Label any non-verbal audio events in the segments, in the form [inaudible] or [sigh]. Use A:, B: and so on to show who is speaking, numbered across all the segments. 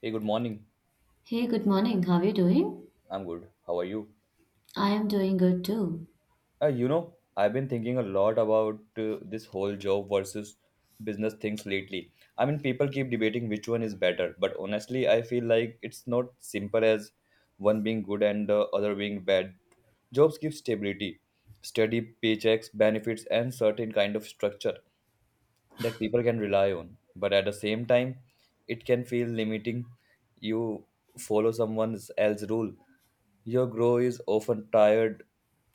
A: Hey, good morning.
B: Hey, good morning. How are you doing?
A: I'm good. How are you?
B: I am doing good too.
A: I've been thinking a lot about this whole job versus business things lately. I mean, people keep debating which one is better, but honestly, I feel like it's not simple as one being good and the other being bad. Jobs give stability, steady paychecks, benefits, and certain kind of structure. That people can rely on, but at the same time it can feel limiting. You follow someone else's rule, your grow is often tied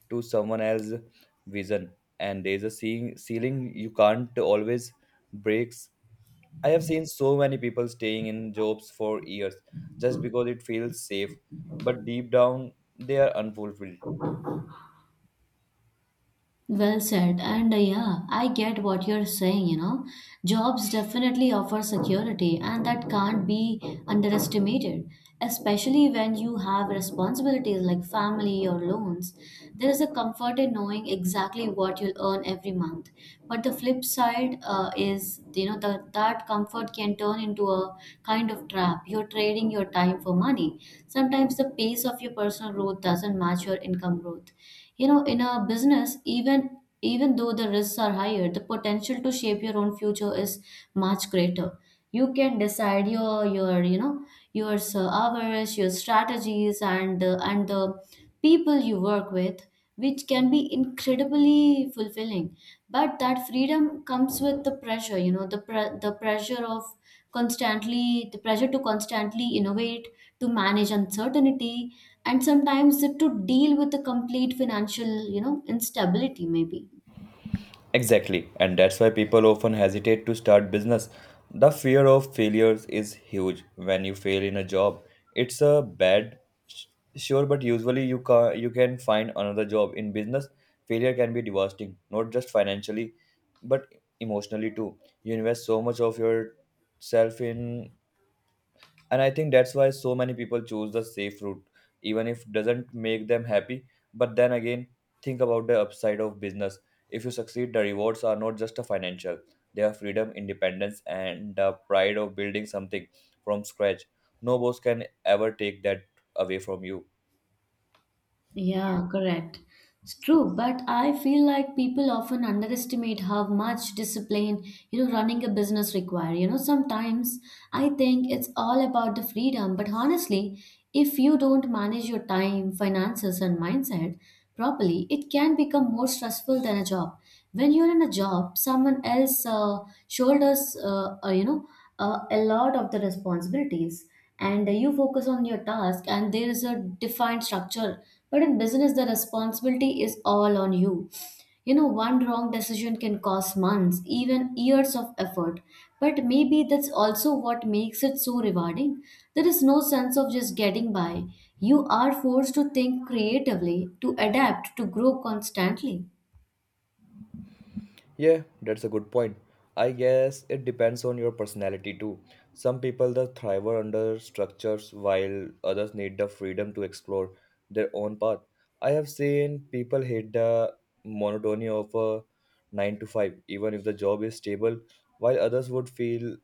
A: to someone else's vision, and there's a ceiling you can't always breaks. I have seen so many people staying in jobs for years just because it feels safe, but deep down they are unfulfilled.
B: Well said. And I get what you're saying, you know. Jobs definitely offer security, and that can't be underestimated, especially when you have responsibilities like family or loans. There is a comfort in knowing exactly what you'll earn every month. But the flip side is, you know, that that comfort can turn into a kind of trap. You're trading your time for money. Sometimes the pace of your personal growth doesn't match your income growth, you know, in a business, even though the risks are higher, the potential to shape your own future is much greater. You can decide your your hours, your strategies, and the people you work with, which can be incredibly fulfilling. But that freedom comes with the pressure. You know, constantly the pressure to constantly innovate, to manage uncertainty, and sometimes to deal with the complete financial, you know, instability maybe.
A: Exactly, and that's why people often hesitate to start business. The fear of failures is huge. When you fail in a job, it's a bad sh- sure, but usually you can find another job. In business, failure can be devastating, not just financially, but emotionally too. You invest so much of yourself in, and I think that's why so many people choose the safe route, even if doesn't make them happy. But then again, think about the upside of business. If you succeed, the rewards are not just a financial. They are freedom, independence, and the pride of building something from scratch. No boss can ever take that away from you.
B: Yeah, correct. It's true, but I feel like people often underestimate how much discipline, you know, running a business require. You know, sometimes I think it's all about the freedom, but honestly, if you don't manage your time, finances, and mindset properly, it can become more stressful than a job. When you're in a job, someone else shoulders, a lot of the responsibilities, and you focus on your task and there is a defined structure, but in business, the responsibility is all on you. You know, one wrong decision can cost months, even years of effort. But maybe that's also what makes it so rewarding. There is no sense of just getting by. You are forced to think creatively, to adapt, to grow constantly.
A: Yeah, that's a good point. I guess it depends on your personality too. Some people that thrive under structures, while others need the freedom to explore their own path. I have seen people hate the monotony of a 9 to 5 even if the job is stable, while others would feel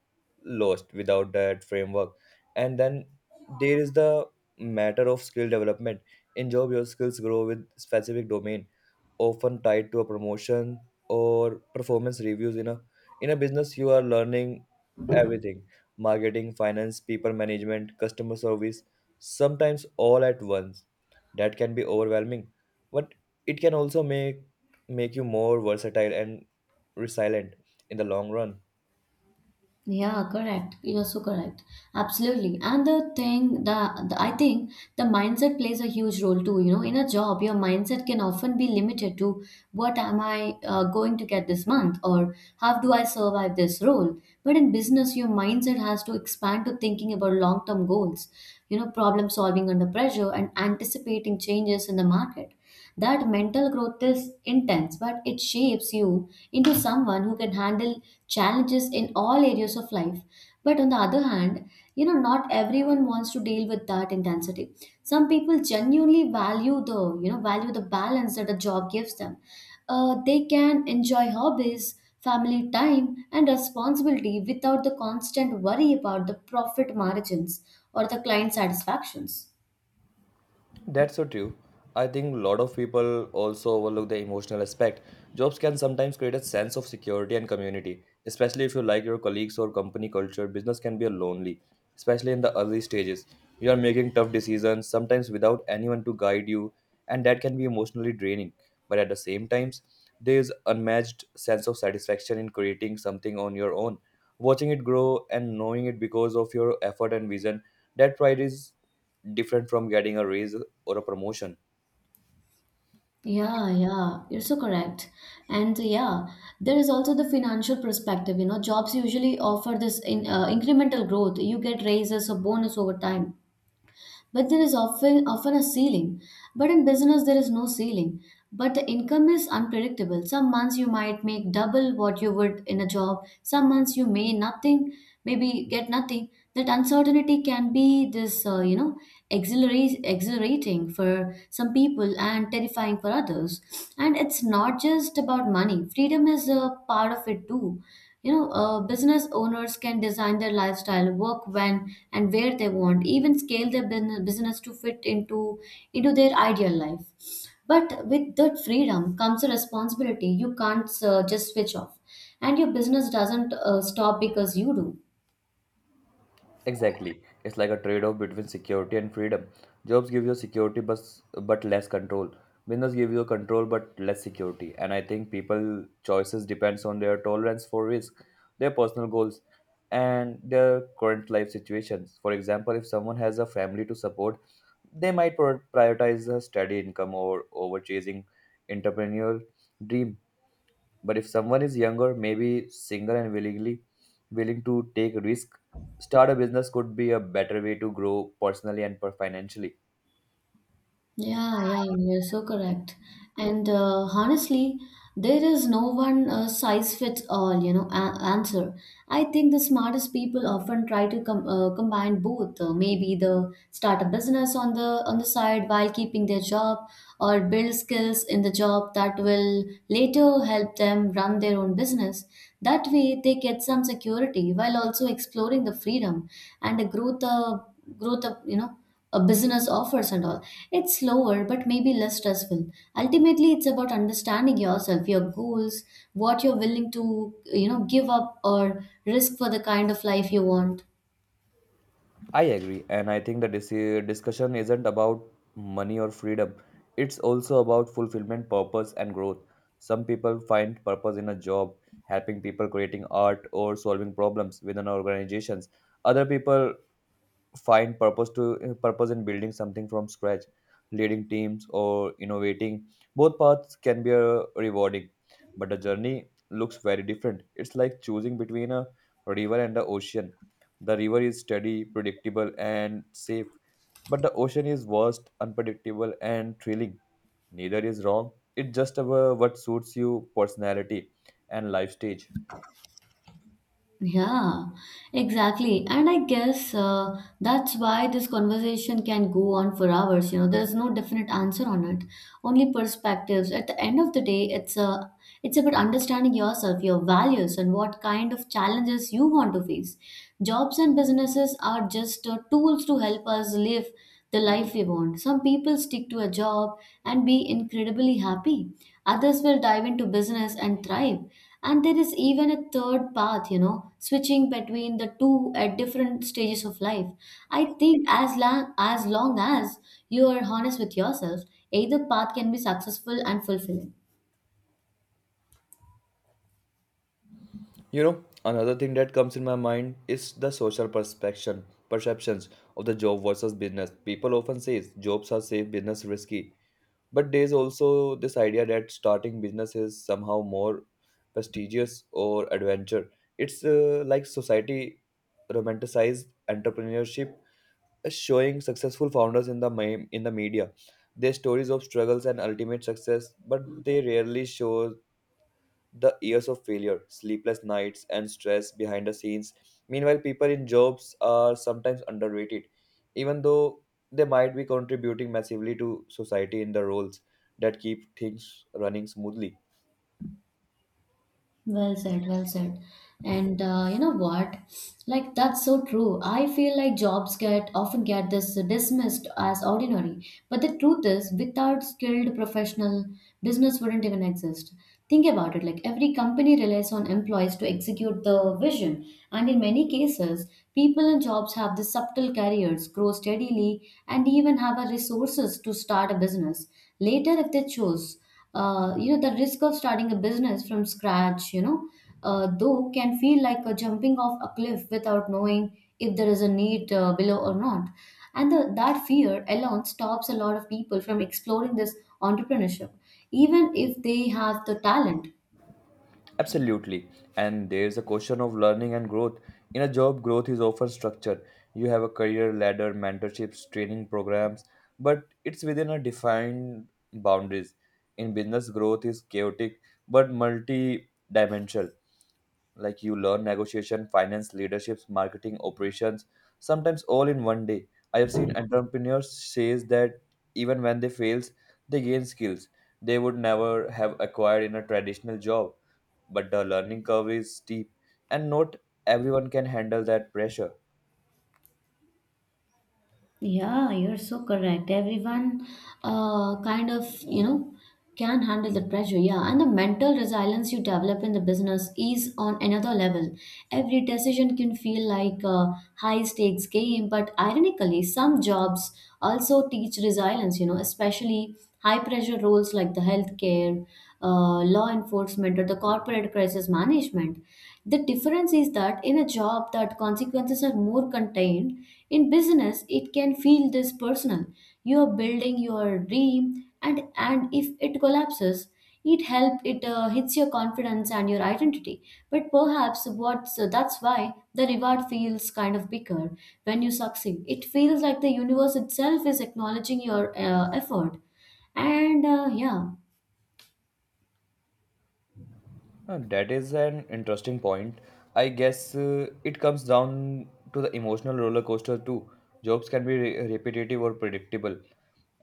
A: lost without that framework. And then there is the matter of skill development. In job, your skills grow with specific domain, often tied to a promotion or performance reviews. In a business you are learning everything: marketing, finance, people management, customer service, sometimes all at once. That can be overwhelming, but it can also make you more versatile and resilient in the long run.
B: Yeah, correct. You're so correct. Absolutely. And the thing I think the mindset plays a huge role too. You know, in a job, your mindset can often be limited to what am I going to get this month or how do I survive this role. But in business, your mindset has to expand to thinking about long term goals, you know, problem solving under pressure and anticipating changes in the market. That mental growth is intense, but it shapes you into someone who can handle challenges in all areas of life. But on the other hand, you know, not everyone wants to deal with that intensity. Some people genuinely value the balance that a job gives them. They can enjoy hobbies, family time, and responsibility without the constant worry about the profit margins or the client satisfactions.
A: That's so true. I think a lot of people also overlook the emotional aspect. Jobs can sometimes create a sense of security and community, especially if you like your colleagues or company culture. Business can be lonely, especially in the early stages. You are making tough decisions, sometimes without anyone to guide you, and that can be emotionally draining. But at the same times, there is unmatched sense of satisfaction in creating something on your own, watching it grow and knowing it because of your effort and vision. That pride is different from getting a raise or a promotion.
B: Yeah, yeah, you're so correct. And yeah, there is also the financial perspective. You know, jobs usually offer this in incremental growth. You get raises or bonus over time, but there is often a ceiling. But in business there is no ceiling. But the income is unpredictable. Some months you might make double what you would in a job. Some months you may nothing, maybe get nothing. That uncertainty can be this, you know, exhilarating for some people and terrifying for others. And it's not just about money. Freedom is a part of it too, you know. Business owners can design their lifestyle, work when and where they want, even scale their business to fit into their ideal life. But with that freedom comes a responsibility. You can't just switch off, and your business doesn't stop because you do.
A: Exactly. It's like a trade-off between security and freedom. Jobs give you security, but less control. Business give you control but less security. And I think people choices depends on their tolerance for risk, their personal goals, and their current life situations. For example, if someone has a family to support, they might prioritize a steady income or over chasing entrepreneurial dream. But if someone is younger, maybe single and willing to take risk, start a business could be a better way to grow personally and financially.
B: Yeah, yeah, you're so correct. And honestly, there is no one size fits all, you know, answer. I think the smartest people often try to combine both. Maybe the start a business on the side while keeping their job, or build skills in the job that will later help them run their own business. That way, they get some security while also exploring the freedom and the growth, growth of, you know a business offers and all. It's slower, but maybe less stressful. Ultimately, it's about understanding yourself, your goals, what you're willing to, you know, give up or risk for the kind of life you want.
A: I agree, and I think the discussion isn't about money or freedom. It's also about fulfillment, purpose, and growth. Some people find purpose in a job, helping people, creating art, or solving problems within organizations. Other people find purpose in building something from scratch, leading teams, or innovating. Both paths can be rewarding, but the journey looks very different. It's like choosing between a river and the ocean. The river is steady, predictable, and safe, but the ocean is vast, unpredictable, and thrilling. Neither is wrong. It's just about what suits you personality and life stage.
B: Yeah, exactly. And I guess that's why this conversation can go on for hours. You know, there's no definite answer on it, only perspectives. At the end of the day, it's about understanding yourself, your values, and what kind of challenges you want to face. Jobs and businesses are just tools to help us live the life we want. Some people stick to a job and be incredibly happy. Others will dive into business and thrive, and there is even a third path, you know, switching between the two at different stages of life. I think as long as long as you are honest with yourself, either path can be successful and fulfilling.
A: You know, another thing that comes in my mind is the social perceptions of the job versus business. People often say jobs are safe, business risky. But there's also this idea that starting business is somehow more prestigious or adventure. It's like society romanticized entrepreneurship, showing successful founders in the in the media, their stories of struggles and ultimate success. But they rarely show the years of failure, sleepless nights, and stress behind the scenes. Meanwhile, people in jobs are sometimes underrated, even though they might be contributing massively to society in the roles that keep things running smoothly.
B: Well said, well said. And you know what? Like that's so true. I feel like jobs get often get this dismissed as ordinary, but the truth is, without skilled professional, business wouldn't even exist. Think about it. Like every company relies on employees to execute the vision, and in many cases, people in jobs have the subtle careers, grow steadily, and even have a resources to start a business later if they choose. You know, the risk of starting a business from scratch, you know, though, can feel like a jumping off a cliff without knowing if there is a need below or not. And that fear alone stops a lot of people from exploring this entrepreneurship, even if they have the talent.
A: Absolutely. And there's a question of learning and growth. In a job, growth is often structured. You have a career ladder, mentorships, training programs, but it's within a defined boundaries. In business, growth is chaotic but multi-dimensional. Like you learn negotiation, finance, leaderships, marketing, operations, sometimes all in one day. I have seen entrepreneurs says that even when they fails, they gain skills they would never have acquired in a traditional job. But the learning curve is steep, and not everyone can handle that pressure.
B: Yeah, you're so correct. Everyone kind of, you know, can handle the pressure. Yeah, and the mental resilience you develop in the business is on another level. Every decision can feel like a high stakes game, but ironically, some jobs also teach resilience, you know, especially high pressure roles like the healthcare, law enforcement, or the corporate crisis management. The difference is that in a job that consequences are more contained, in business it can feel this personal. You are building your dream, and if it collapses, it hits your confidence and your identity. But perhaps what's so that's why the reward feels kind of bigger when you succeed. It feels like the universe itself is acknowledging your effort. And yeah.
A: That is an interesting point. I guess it comes down to the emotional roller coaster too. Jobs can be repetitive or predictable,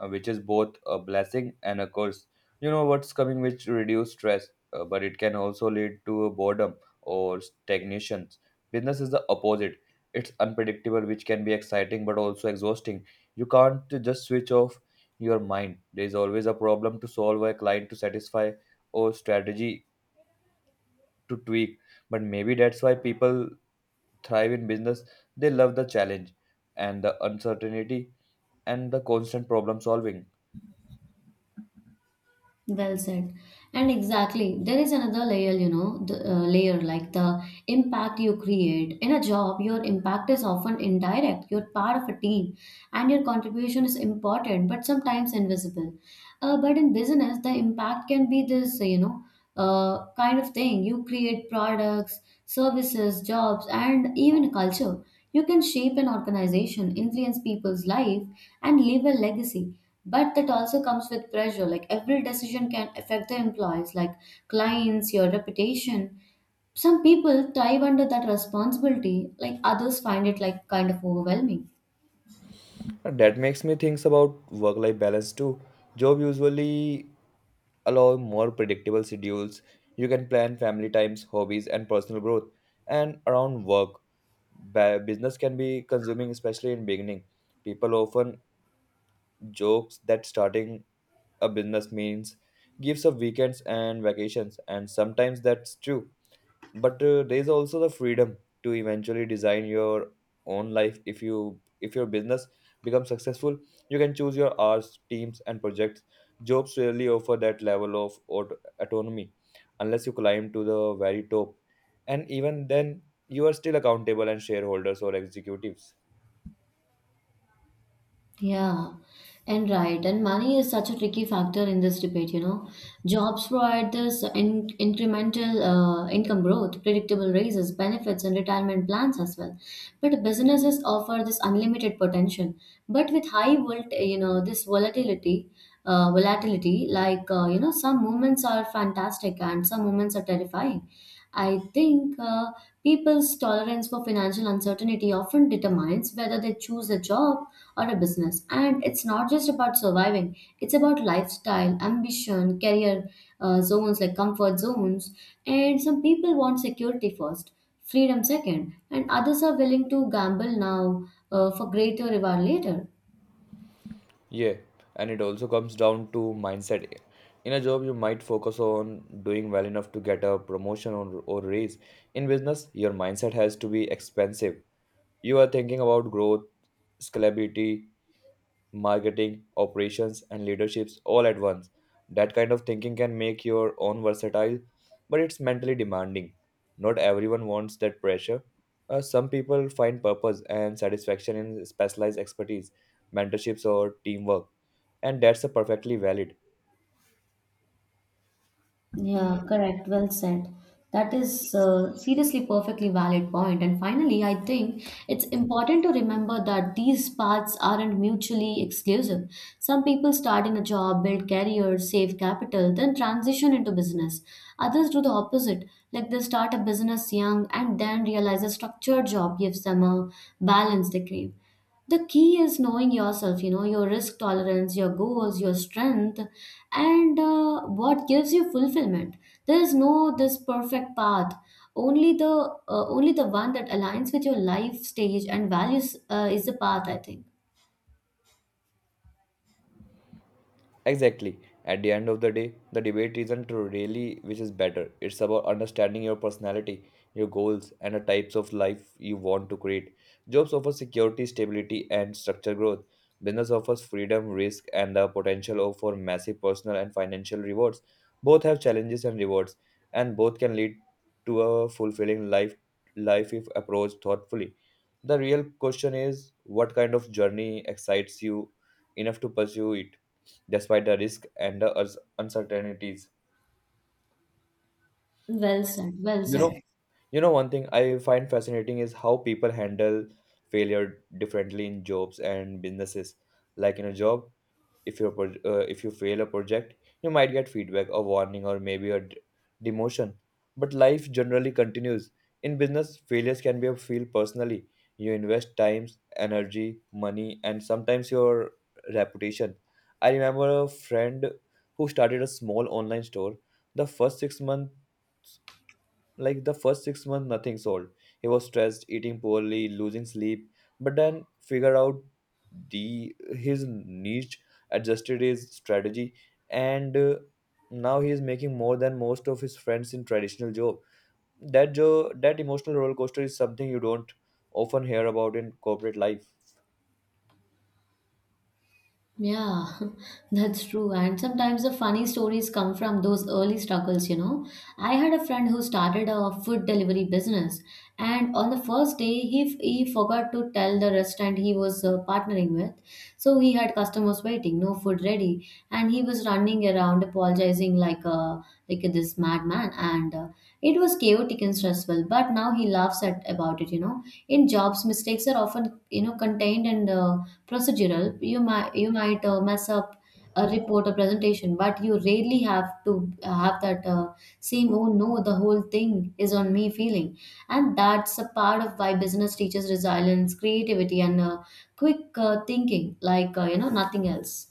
A: which is both a blessing and a curse. You know what's coming, which reduce stress, but it can also lead to boredom or stagnation. Business is the opposite. It's unpredictable, which can be exciting but also exhausting. You can't just switch off your mind. There is always a problem to solve, a client to satisfy, or strategy to tweak. But maybe that's why people thrive in business. They love the challenge and the uncertainty and the constant problem solving.
B: Well said. And exactly, there is another layer, you know, the layer like the impact you create. In a job, your impact is often indirect. You're part of a team and your contribution is important, but sometimes invisible. But in business, the impact can be this, you know, kind of thing. You create products, services, jobs, and even a culture. You can shape an organization, influence people's life, and leave a legacy. But that also comes with pressure. Like every decision can affect the employees, like clients, your reputation. Some people thrive under that responsibility, like others find it like kind of overwhelming.
A: And that makes me think about work-life balance too. Job usually allow more predictable schedules. You can plan family times, hobbies, and personal growth. And around work, business can be consuming, especially in beginning. People often jokes that starting a business means gives up weekends and vacations, and sometimes that's true. But there's also the freedom to eventually design your own life. If your business becomes successful, you can choose your hours, teams, and projects. Jobs rarely offer that level of autonomy, unless you climb to the very top. And even then, you are still accountable and shareholders or executives.
B: Yeah, and right. And money is such a tricky factor in this debate, you know. Jobs provide this in incremental income growth, predictable raises, benefits, and retirement plans as well. But businesses offer this unlimited potential. But with high volt, you know, this volatility, like you know, some moments are fantastic and some moments are terrifying. I think people's tolerance for financial uncertainty often determines whether they choose a job or a business. And it's not just about surviving, it's about lifestyle, ambition, career zones like comfort zones. And some people want security first, freedom second, and others are willing to gamble now for greater reward later.
A: Yeah, and it also comes down to mindset. In a job, you might focus on doing well enough to get a promotion or raise. In business, your mindset has to be expansive. You are thinking about growth, scalability, marketing, operations, and leaderships all at once. That kind of thinking can make your own versatile, but it's mentally demanding. Not everyone wants that pressure. Some people find purpose and satisfaction in specialized expertise, mentorships, or teamwork, and that's a perfectly valid.
B: Yeah, correct. Well said. That is seriously perfectly valid point. And finally, I think it's important to remember that these paths aren't mutually exclusive. Some people start in a job, build careers, save capital, then transition into business. Others do the opposite, like they start a business young and then realize a structured job gives them a balance they crave. The key is knowing yourself, you know, your risk tolerance, your goals, your strength, and what gives you fulfillment. There is no this perfect path, only the only the one that aligns with your life stage and values is the path I think.
A: Exactly. At the end of the day, the debate isn't really which is better. It's about understanding your personality, your goals, and the types of life you want to create. Jobs offer security, stability, and structured growth. Business offers freedom, risk, and the potential for massive personal and financial rewards. Both have challenges and rewards, and both can lead to a fulfilling life, life if approached thoughtfully. The real question is what kind of journey excites you enough to pursue it, despite the risk and the uncertainties?
B: Well said, well
A: You know,
B: said.
A: you know, one thing I find fascinating is how people handle failure differently in jobs and businesses. Like in a job, if if you fail a project, you might get feedback, a warning, or maybe a demotion, but life generally continues. In business, failures can be a feel personally. You invest times, energy, money, and sometimes your reputation. I remember a friend who started a small online store. The first 6 months, like the first six months, nothing sold. He was stressed, eating poorly, losing sleep, but then figured out the his niche, adjusted his strategy, and now he is making more than most of his friends in traditional job. That job, that emotional roller coaster is something you don't often hear about in corporate life.
B: Yeah, [laughs] that's true. And sometimes the funny stories come from those early struggles, you know. I had a friend who started a food delivery business, and on the first day, he forgot to tell the restaurant he was partnering with. So he had customers waiting, no food ready, and he was running around apologizing like a like this madman. And It was chaotic and stressful, but now he laughs at about it. You know, in jobs, mistakes are often contained and procedural. You might mess up a report or presentation, but you rarely have to have that same oh no, the whole thing is on me feeling, and that's a part of why business teaches resilience, creativity, and quick thinking, like nothing else.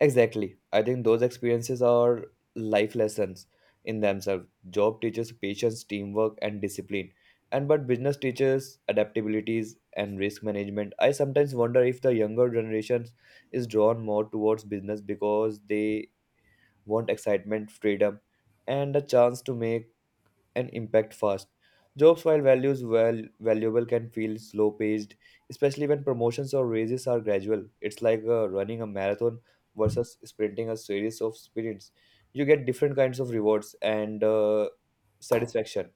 A: Exactly. I think those experiences are life lessons in themselves. Job teaches patience, teamwork, and discipline. And but business teaches adaptabilities and risk management. I sometimes wonder if the younger generations is drawn more towards business because they want excitement, freedom, and a chance to make and impact fast. Jobs while values well valuable can feel slow paced, especially when promotions or raises are gradual. It's like running a marathon versus sprinting a series of sprints. You get different kinds of rewards and satisfaction.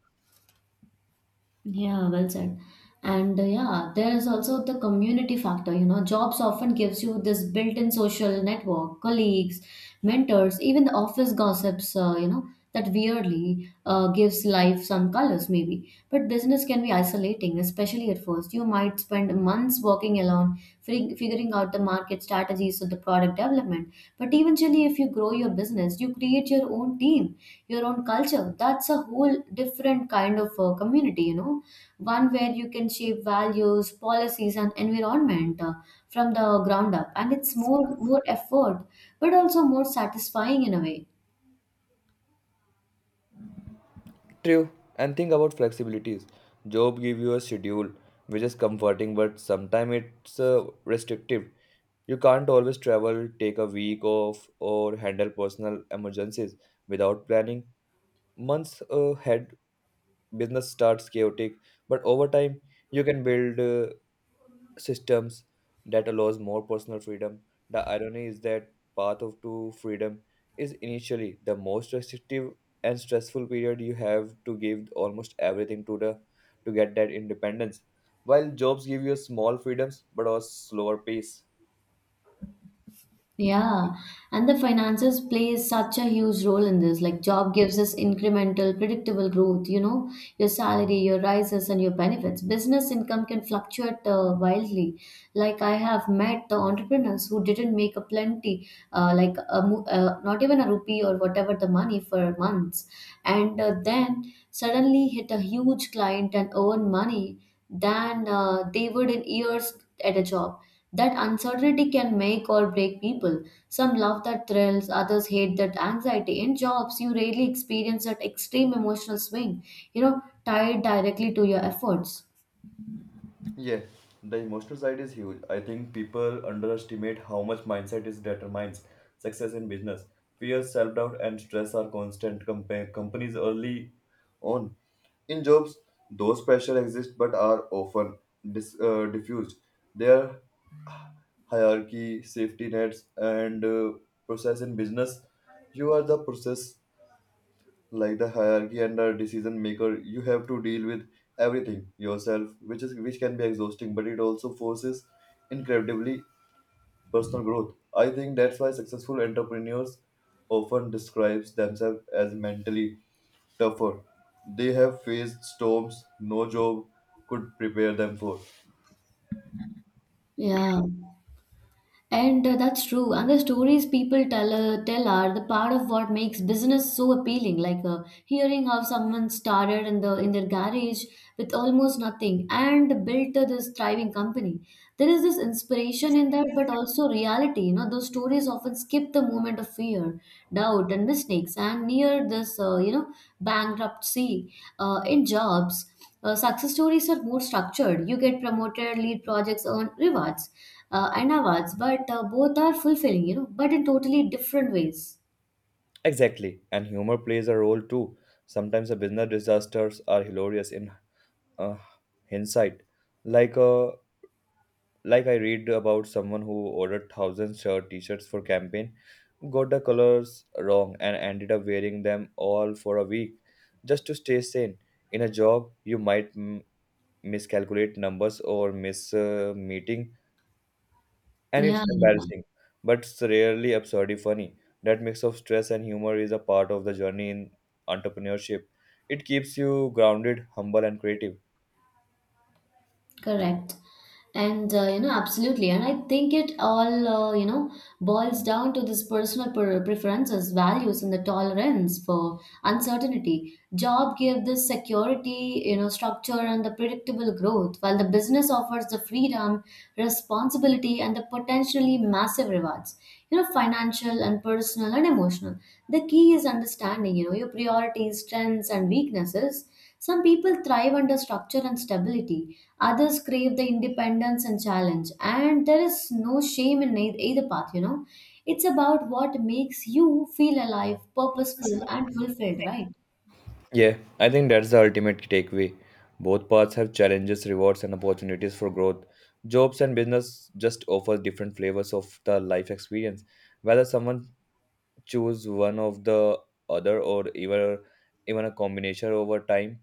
B: Yeah, well said. And yeah, there is also the community factor. You know, jobs often gives you this built-in social network, colleagues, mentors, even the office gossips. That weirdly gives life some colors, maybe. But business can be isolating, especially at first. You might spend months working alone, figuring out the market strategies to the product development. But eventually, if you grow your business, you create your own team, your own culture. That's a whole different kind of community, you know, one where you can shape values, policies, and environment from the ground up. And it's more effort, but also more satisfying in a way.
A: True. And think about flexibilities. Job give you a schedule, which is comforting, but sometimes it's restrictive. You can't always travel, take a week off, or handle personal emergencies without planning. Months ahead, business starts chaotic, but over time you can build systems that allows more personal freedom. The irony is that path of to freedom is initially the most restrictive and stressful period. You have to give almost everything to the to get that independence, while jobs give you small freedoms but a slower pace.
B: Yeah, and the finances plays such a huge role in this. Like job gives us incremental, predictable growth, you know, your salary, your rises and your benefits. Business income can fluctuate wildly. Like I have met the entrepreneurs who didn't make a plenty, not even a rupee or whatever the money for months, and then suddenly hit a huge client and earn money than they would in years at a job. That uncertainty can make or break people. Some love that thrills, others hate that anxiety. In jobs you rarely experience that extreme emotional swing, you know, tied directly to your efforts.
A: Yeah, the emotional side is huge. I think people underestimate how much mindset is determines success in business. Fear, self doubt, and stress are constant companies early on. In jobs, those pressure exist but are often diffused. Their hierarchy, safety nets, and process in business. You are the process, like the hierarchy and the decision maker. You have to deal with everything yourself, which is which can be exhausting, but it also forces incredibly personal growth. I think that's why successful entrepreneurs often describes themselves as mentally tougher. They have faced storms no job could prepare them for.
B: Yeah. And that's true. And the stories people tell are the part of what makes business so appealing. Like hearing how someone started in their garage with almost nothing and built this thriving company. There is this inspiration in that, but also reality. You know, those stories often skip the moment of fear, doubt, and mistakes, and near this bankruptcy in jobs. Success stories are more structured. You get promoted, lead projects, earn rewards and awards, but both are fulfilling, you know, but in totally different ways.
A: Exactly, and humor plays a role too. Sometimes the business disasters are hilarious in uh, hindsight, like uh, like I read about someone who ordered thousand shirt t-shirts for campaign, got the colors wrong and ended up wearing them all for a week just to stay sane. In a job, you might miscalculate numbers or miss a meeting and it's
B: Yeah.
A: embarrassing, but it's rarely absurdly funny. That mix of stress and humor is a part of the journey in entrepreneurship. It keeps you grounded, humble and creative.
B: Correct. And absolutely. And I think it all, boils down to this personal preferences, values, and the tolerance for uncertainty. Job give this security, you know, structure and the predictable growth, while the business offers the freedom, responsibility, and the potentially massive rewards. You know, financial and personal and emotional. The key is understanding, you know, your priorities, strengths, and weaknesses. Some people thrive under structure and stability, others crave the independence and challenge, and there is no shame in either path, you know. It's about what makes you feel alive, purposeful, and fulfilled, right?
A: Yeah, I think that's the ultimate takeaway. Both paths have challenges, rewards, and opportunities for growth. Jobs and business just offer different flavors of the life experience. Whether someone choose one of the other, or even a combination over time,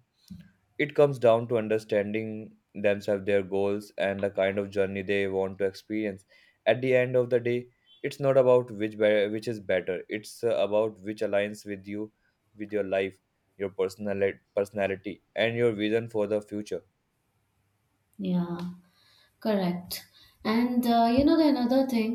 A: it comes down to understanding themselves, their goals, and the kind of journey they want to experience. At the end of the day, it's not about which which is better. It's about which aligns with you, with your life, your personality, and your vision for the future.
B: Yeah, correct. And the another thing,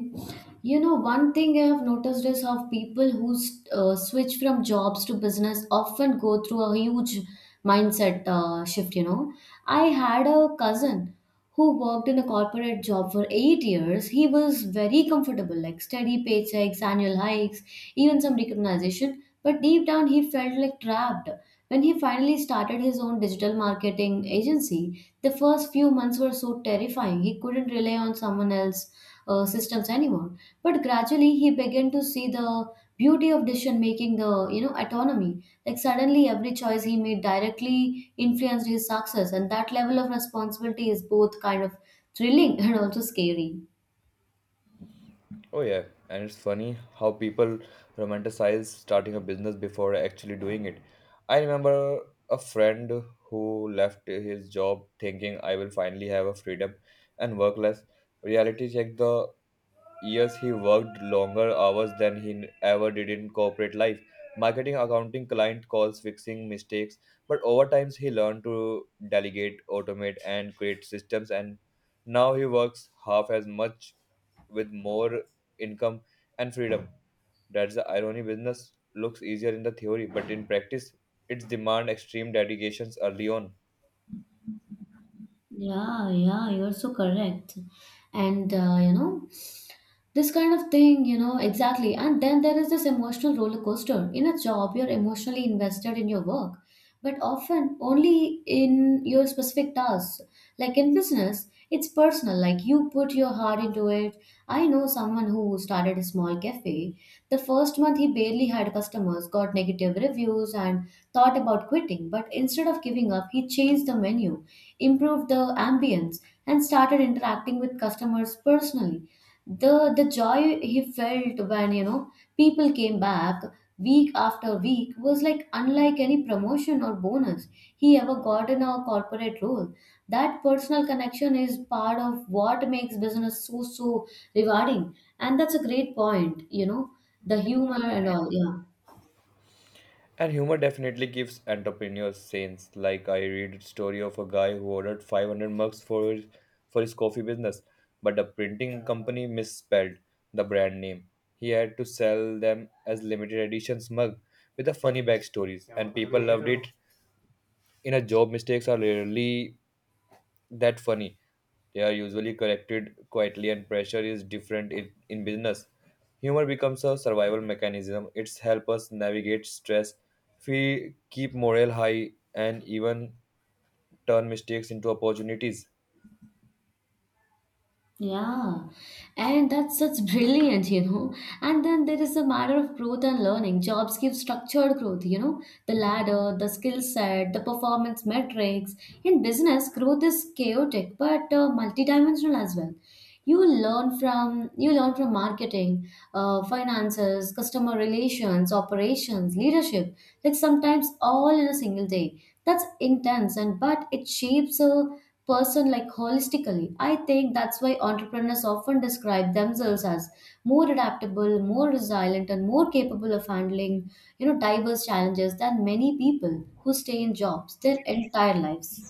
B: you know, one thing I have noticed is how people who switch from jobs to business often go through a huge mindset shift. You know, I had a cousin who worked in a corporate job for 8 years. He was very comfortable, like steady paychecks, annual hikes, even some recognition. But deep down, he felt like trapped. When he finally started his own digital marketing agency, the first few months were so terrifying. He couldn't rely on someone else's systems anymore. But gradually, he began to see the beauty of decision making, the you know autonomy. Like suddenly, every choice he made directly influenced his success, and that level of responsibility is both kind of thrilling [laughs] and also scary.
A: Oh yeah, and it's funny how people romanticize starting a business before actually doing it. I remember a friend who left his job thinking I will finally have a freedom and work less. Reality check, the years he worked longer hours than he ever did in corporate life, marketing, accounting, client calls, fixing mistakes. But over time he learned to delegate, automate and create systems, and now he works half as much with more income and freedom. That's the irony: business looks easier in the theory, but in practice it's demand extreme dedications early on.
B: Yeah, yeah, you're so correct. And this kind of thing, you know. Exactly. And then there is this emotional roller coaster. In a job you're emotionally invested in your work, but often only in your specific tasks. Like in business, it's personal, like you put your heart into it. I know someone who started a small cafe. The first month he barely had customers, got negative reviews and thought about quitting. But instead of giving up he changed the menu, improved the ambience, and started interacting with customers personally. The joy he felt when you know people came back week after week was like unlike any promotion or bonus he ever got in a corporate role. That personal connection is part of what makes business so rewarding. And that's a great point, you know, the humor and all. Yeah.
A: And humor definitely gives entrepreneurs sense. Like I read a story of a guy who ordered 500 mugs for his coffee business, but the printing company misspelled the brand name. He had to sell them as limited editions mug with a funny backstories, and people loved it. In a job, mistakes are rarely that funny. They are usually collected quietly, and pressure is different in business. Humor becomes a survival mechanism. It's help us navigate stress, we keep morale high, and even turn mistakes into opportunities.
B: Yeah, and that's such brilliant, you know. And then there is a matter of growth and learning. Jobs give structured growth, you know, the ladder, the skill set, the performance metrics. In business, growth is chaotic but multidimensional as well. You learn from marketing, finances, customer relations, operations, leadership, like sometimes all in a single day. That's intense, and but it shapes a person like holistically. I think that's why entrepreneurs often describe themselves as more adaptable, more resilient, and more capable of handling, you know, diverse challenges than many people who stay in jobs their entire lives.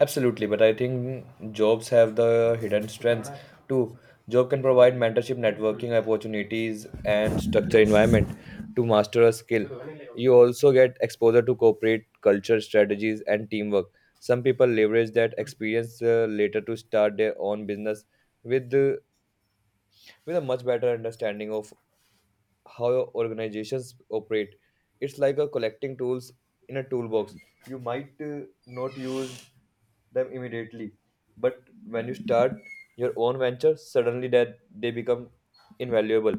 A: Absolutely, but I think jobs have the hidden strengths too. Job can provide mentorship, networking opportunities, and structure environment to master a skill. You also get exposure to corporate culture, strategies, and teamwork. Some people leverage that experience later to start their own business with uh, with a much better understanding of how organizations operate. It's like a collecting tools in a toolbox. You might not use them immediately, but when you start your own venture, suddenly that they become invaluable.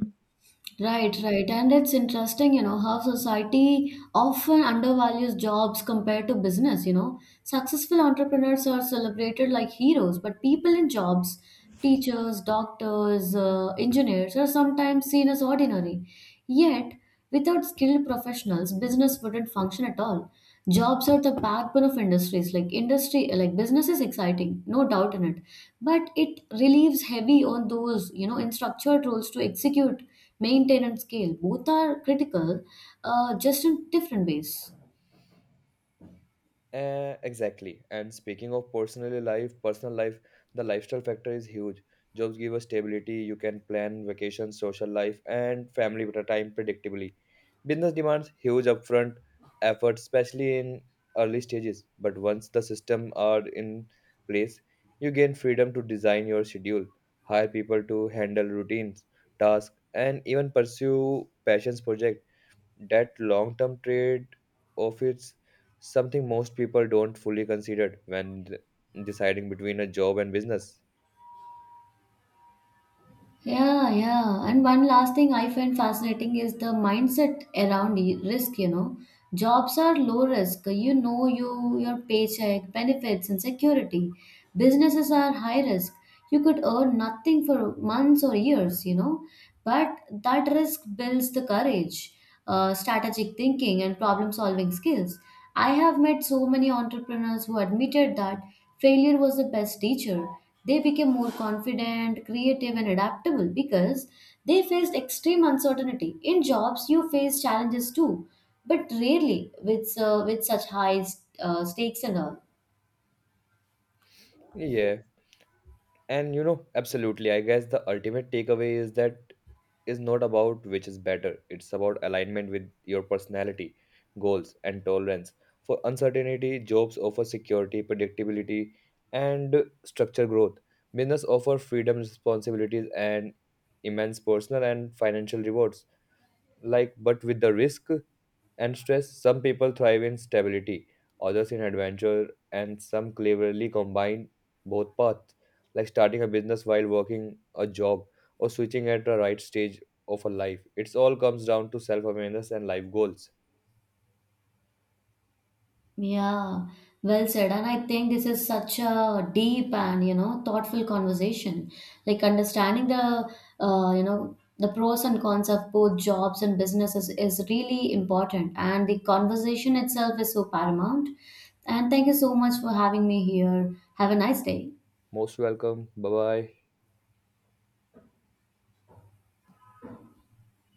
B: Right, right. And it's interesting, you know, how society often undervalues jobs compared to business, you know. Successful entrepreneurs are celebrated like heroes, but people in jobs, teachers, doctors, engineers, are sometimes seen as ordinary. Yet, without skilled professionals, business wouldn't function at all. Jobs are the backbone of industries. Like industry, like business is exciting, no doubt in it, but it relieves heavy on those, you know, in structured roles to execute, maintain and scale. Both are critical, just in different ways.
A: Exactly. And speaking of personal life, the lifestyle factor is huge. Jobs give us stability. You can plan vacations, social life, and family better time predictably. Business demands huge upfront effort, especially in early stages. But once the system are in place, you gain freedom to design your schedule, hire people to handle routines, tasks, and even pursue passions projects. That long term trade off is something most people don't fully consider when deciding between a job and business.
B: Yeah, yeah. And one last thing I find fascinating is the mindset around risk, you know. Jobs are low risk. You know you your paycheck, benefits and security. Businesses are high risk. You could earn nothing for months or years, you know. But that risk builds the courage, strategic thinking, and problem solving skills. I have met so many entrepreneurs who admitted that failure was the best teacher. They became more confident, creative, and adaptable because they faced extreme uncertainty. In jobs, you face challenges too, but rarely with such high stakes and all.
A: Yeah, and you know, absolutely. I guess the ultimate takeaway is that is not about which is better. It's about alignment with your personality, goals, and tolerance for uncertainty. Jobs offer security, predictability, and structured growth. Business offer freedom, responsibilities, and immense personal and financial rewards. Like, but with the risk and stress, some people thrive in stability, others in adventure, and some cleverly combine both paths, like starting a business while working a job or switching at the right stage of a life. It's all comes down to self-awareness and life goals.
B: Yeah, well said. And I think this is such a deep and, you know, thoughtful conversation. Like understanding the, the pros and cons of both jobs and businesses is really important. And the conversation itself is so paramount. And thank you so much for having me here. Have a nice day.
A: Most welcome, bye bye.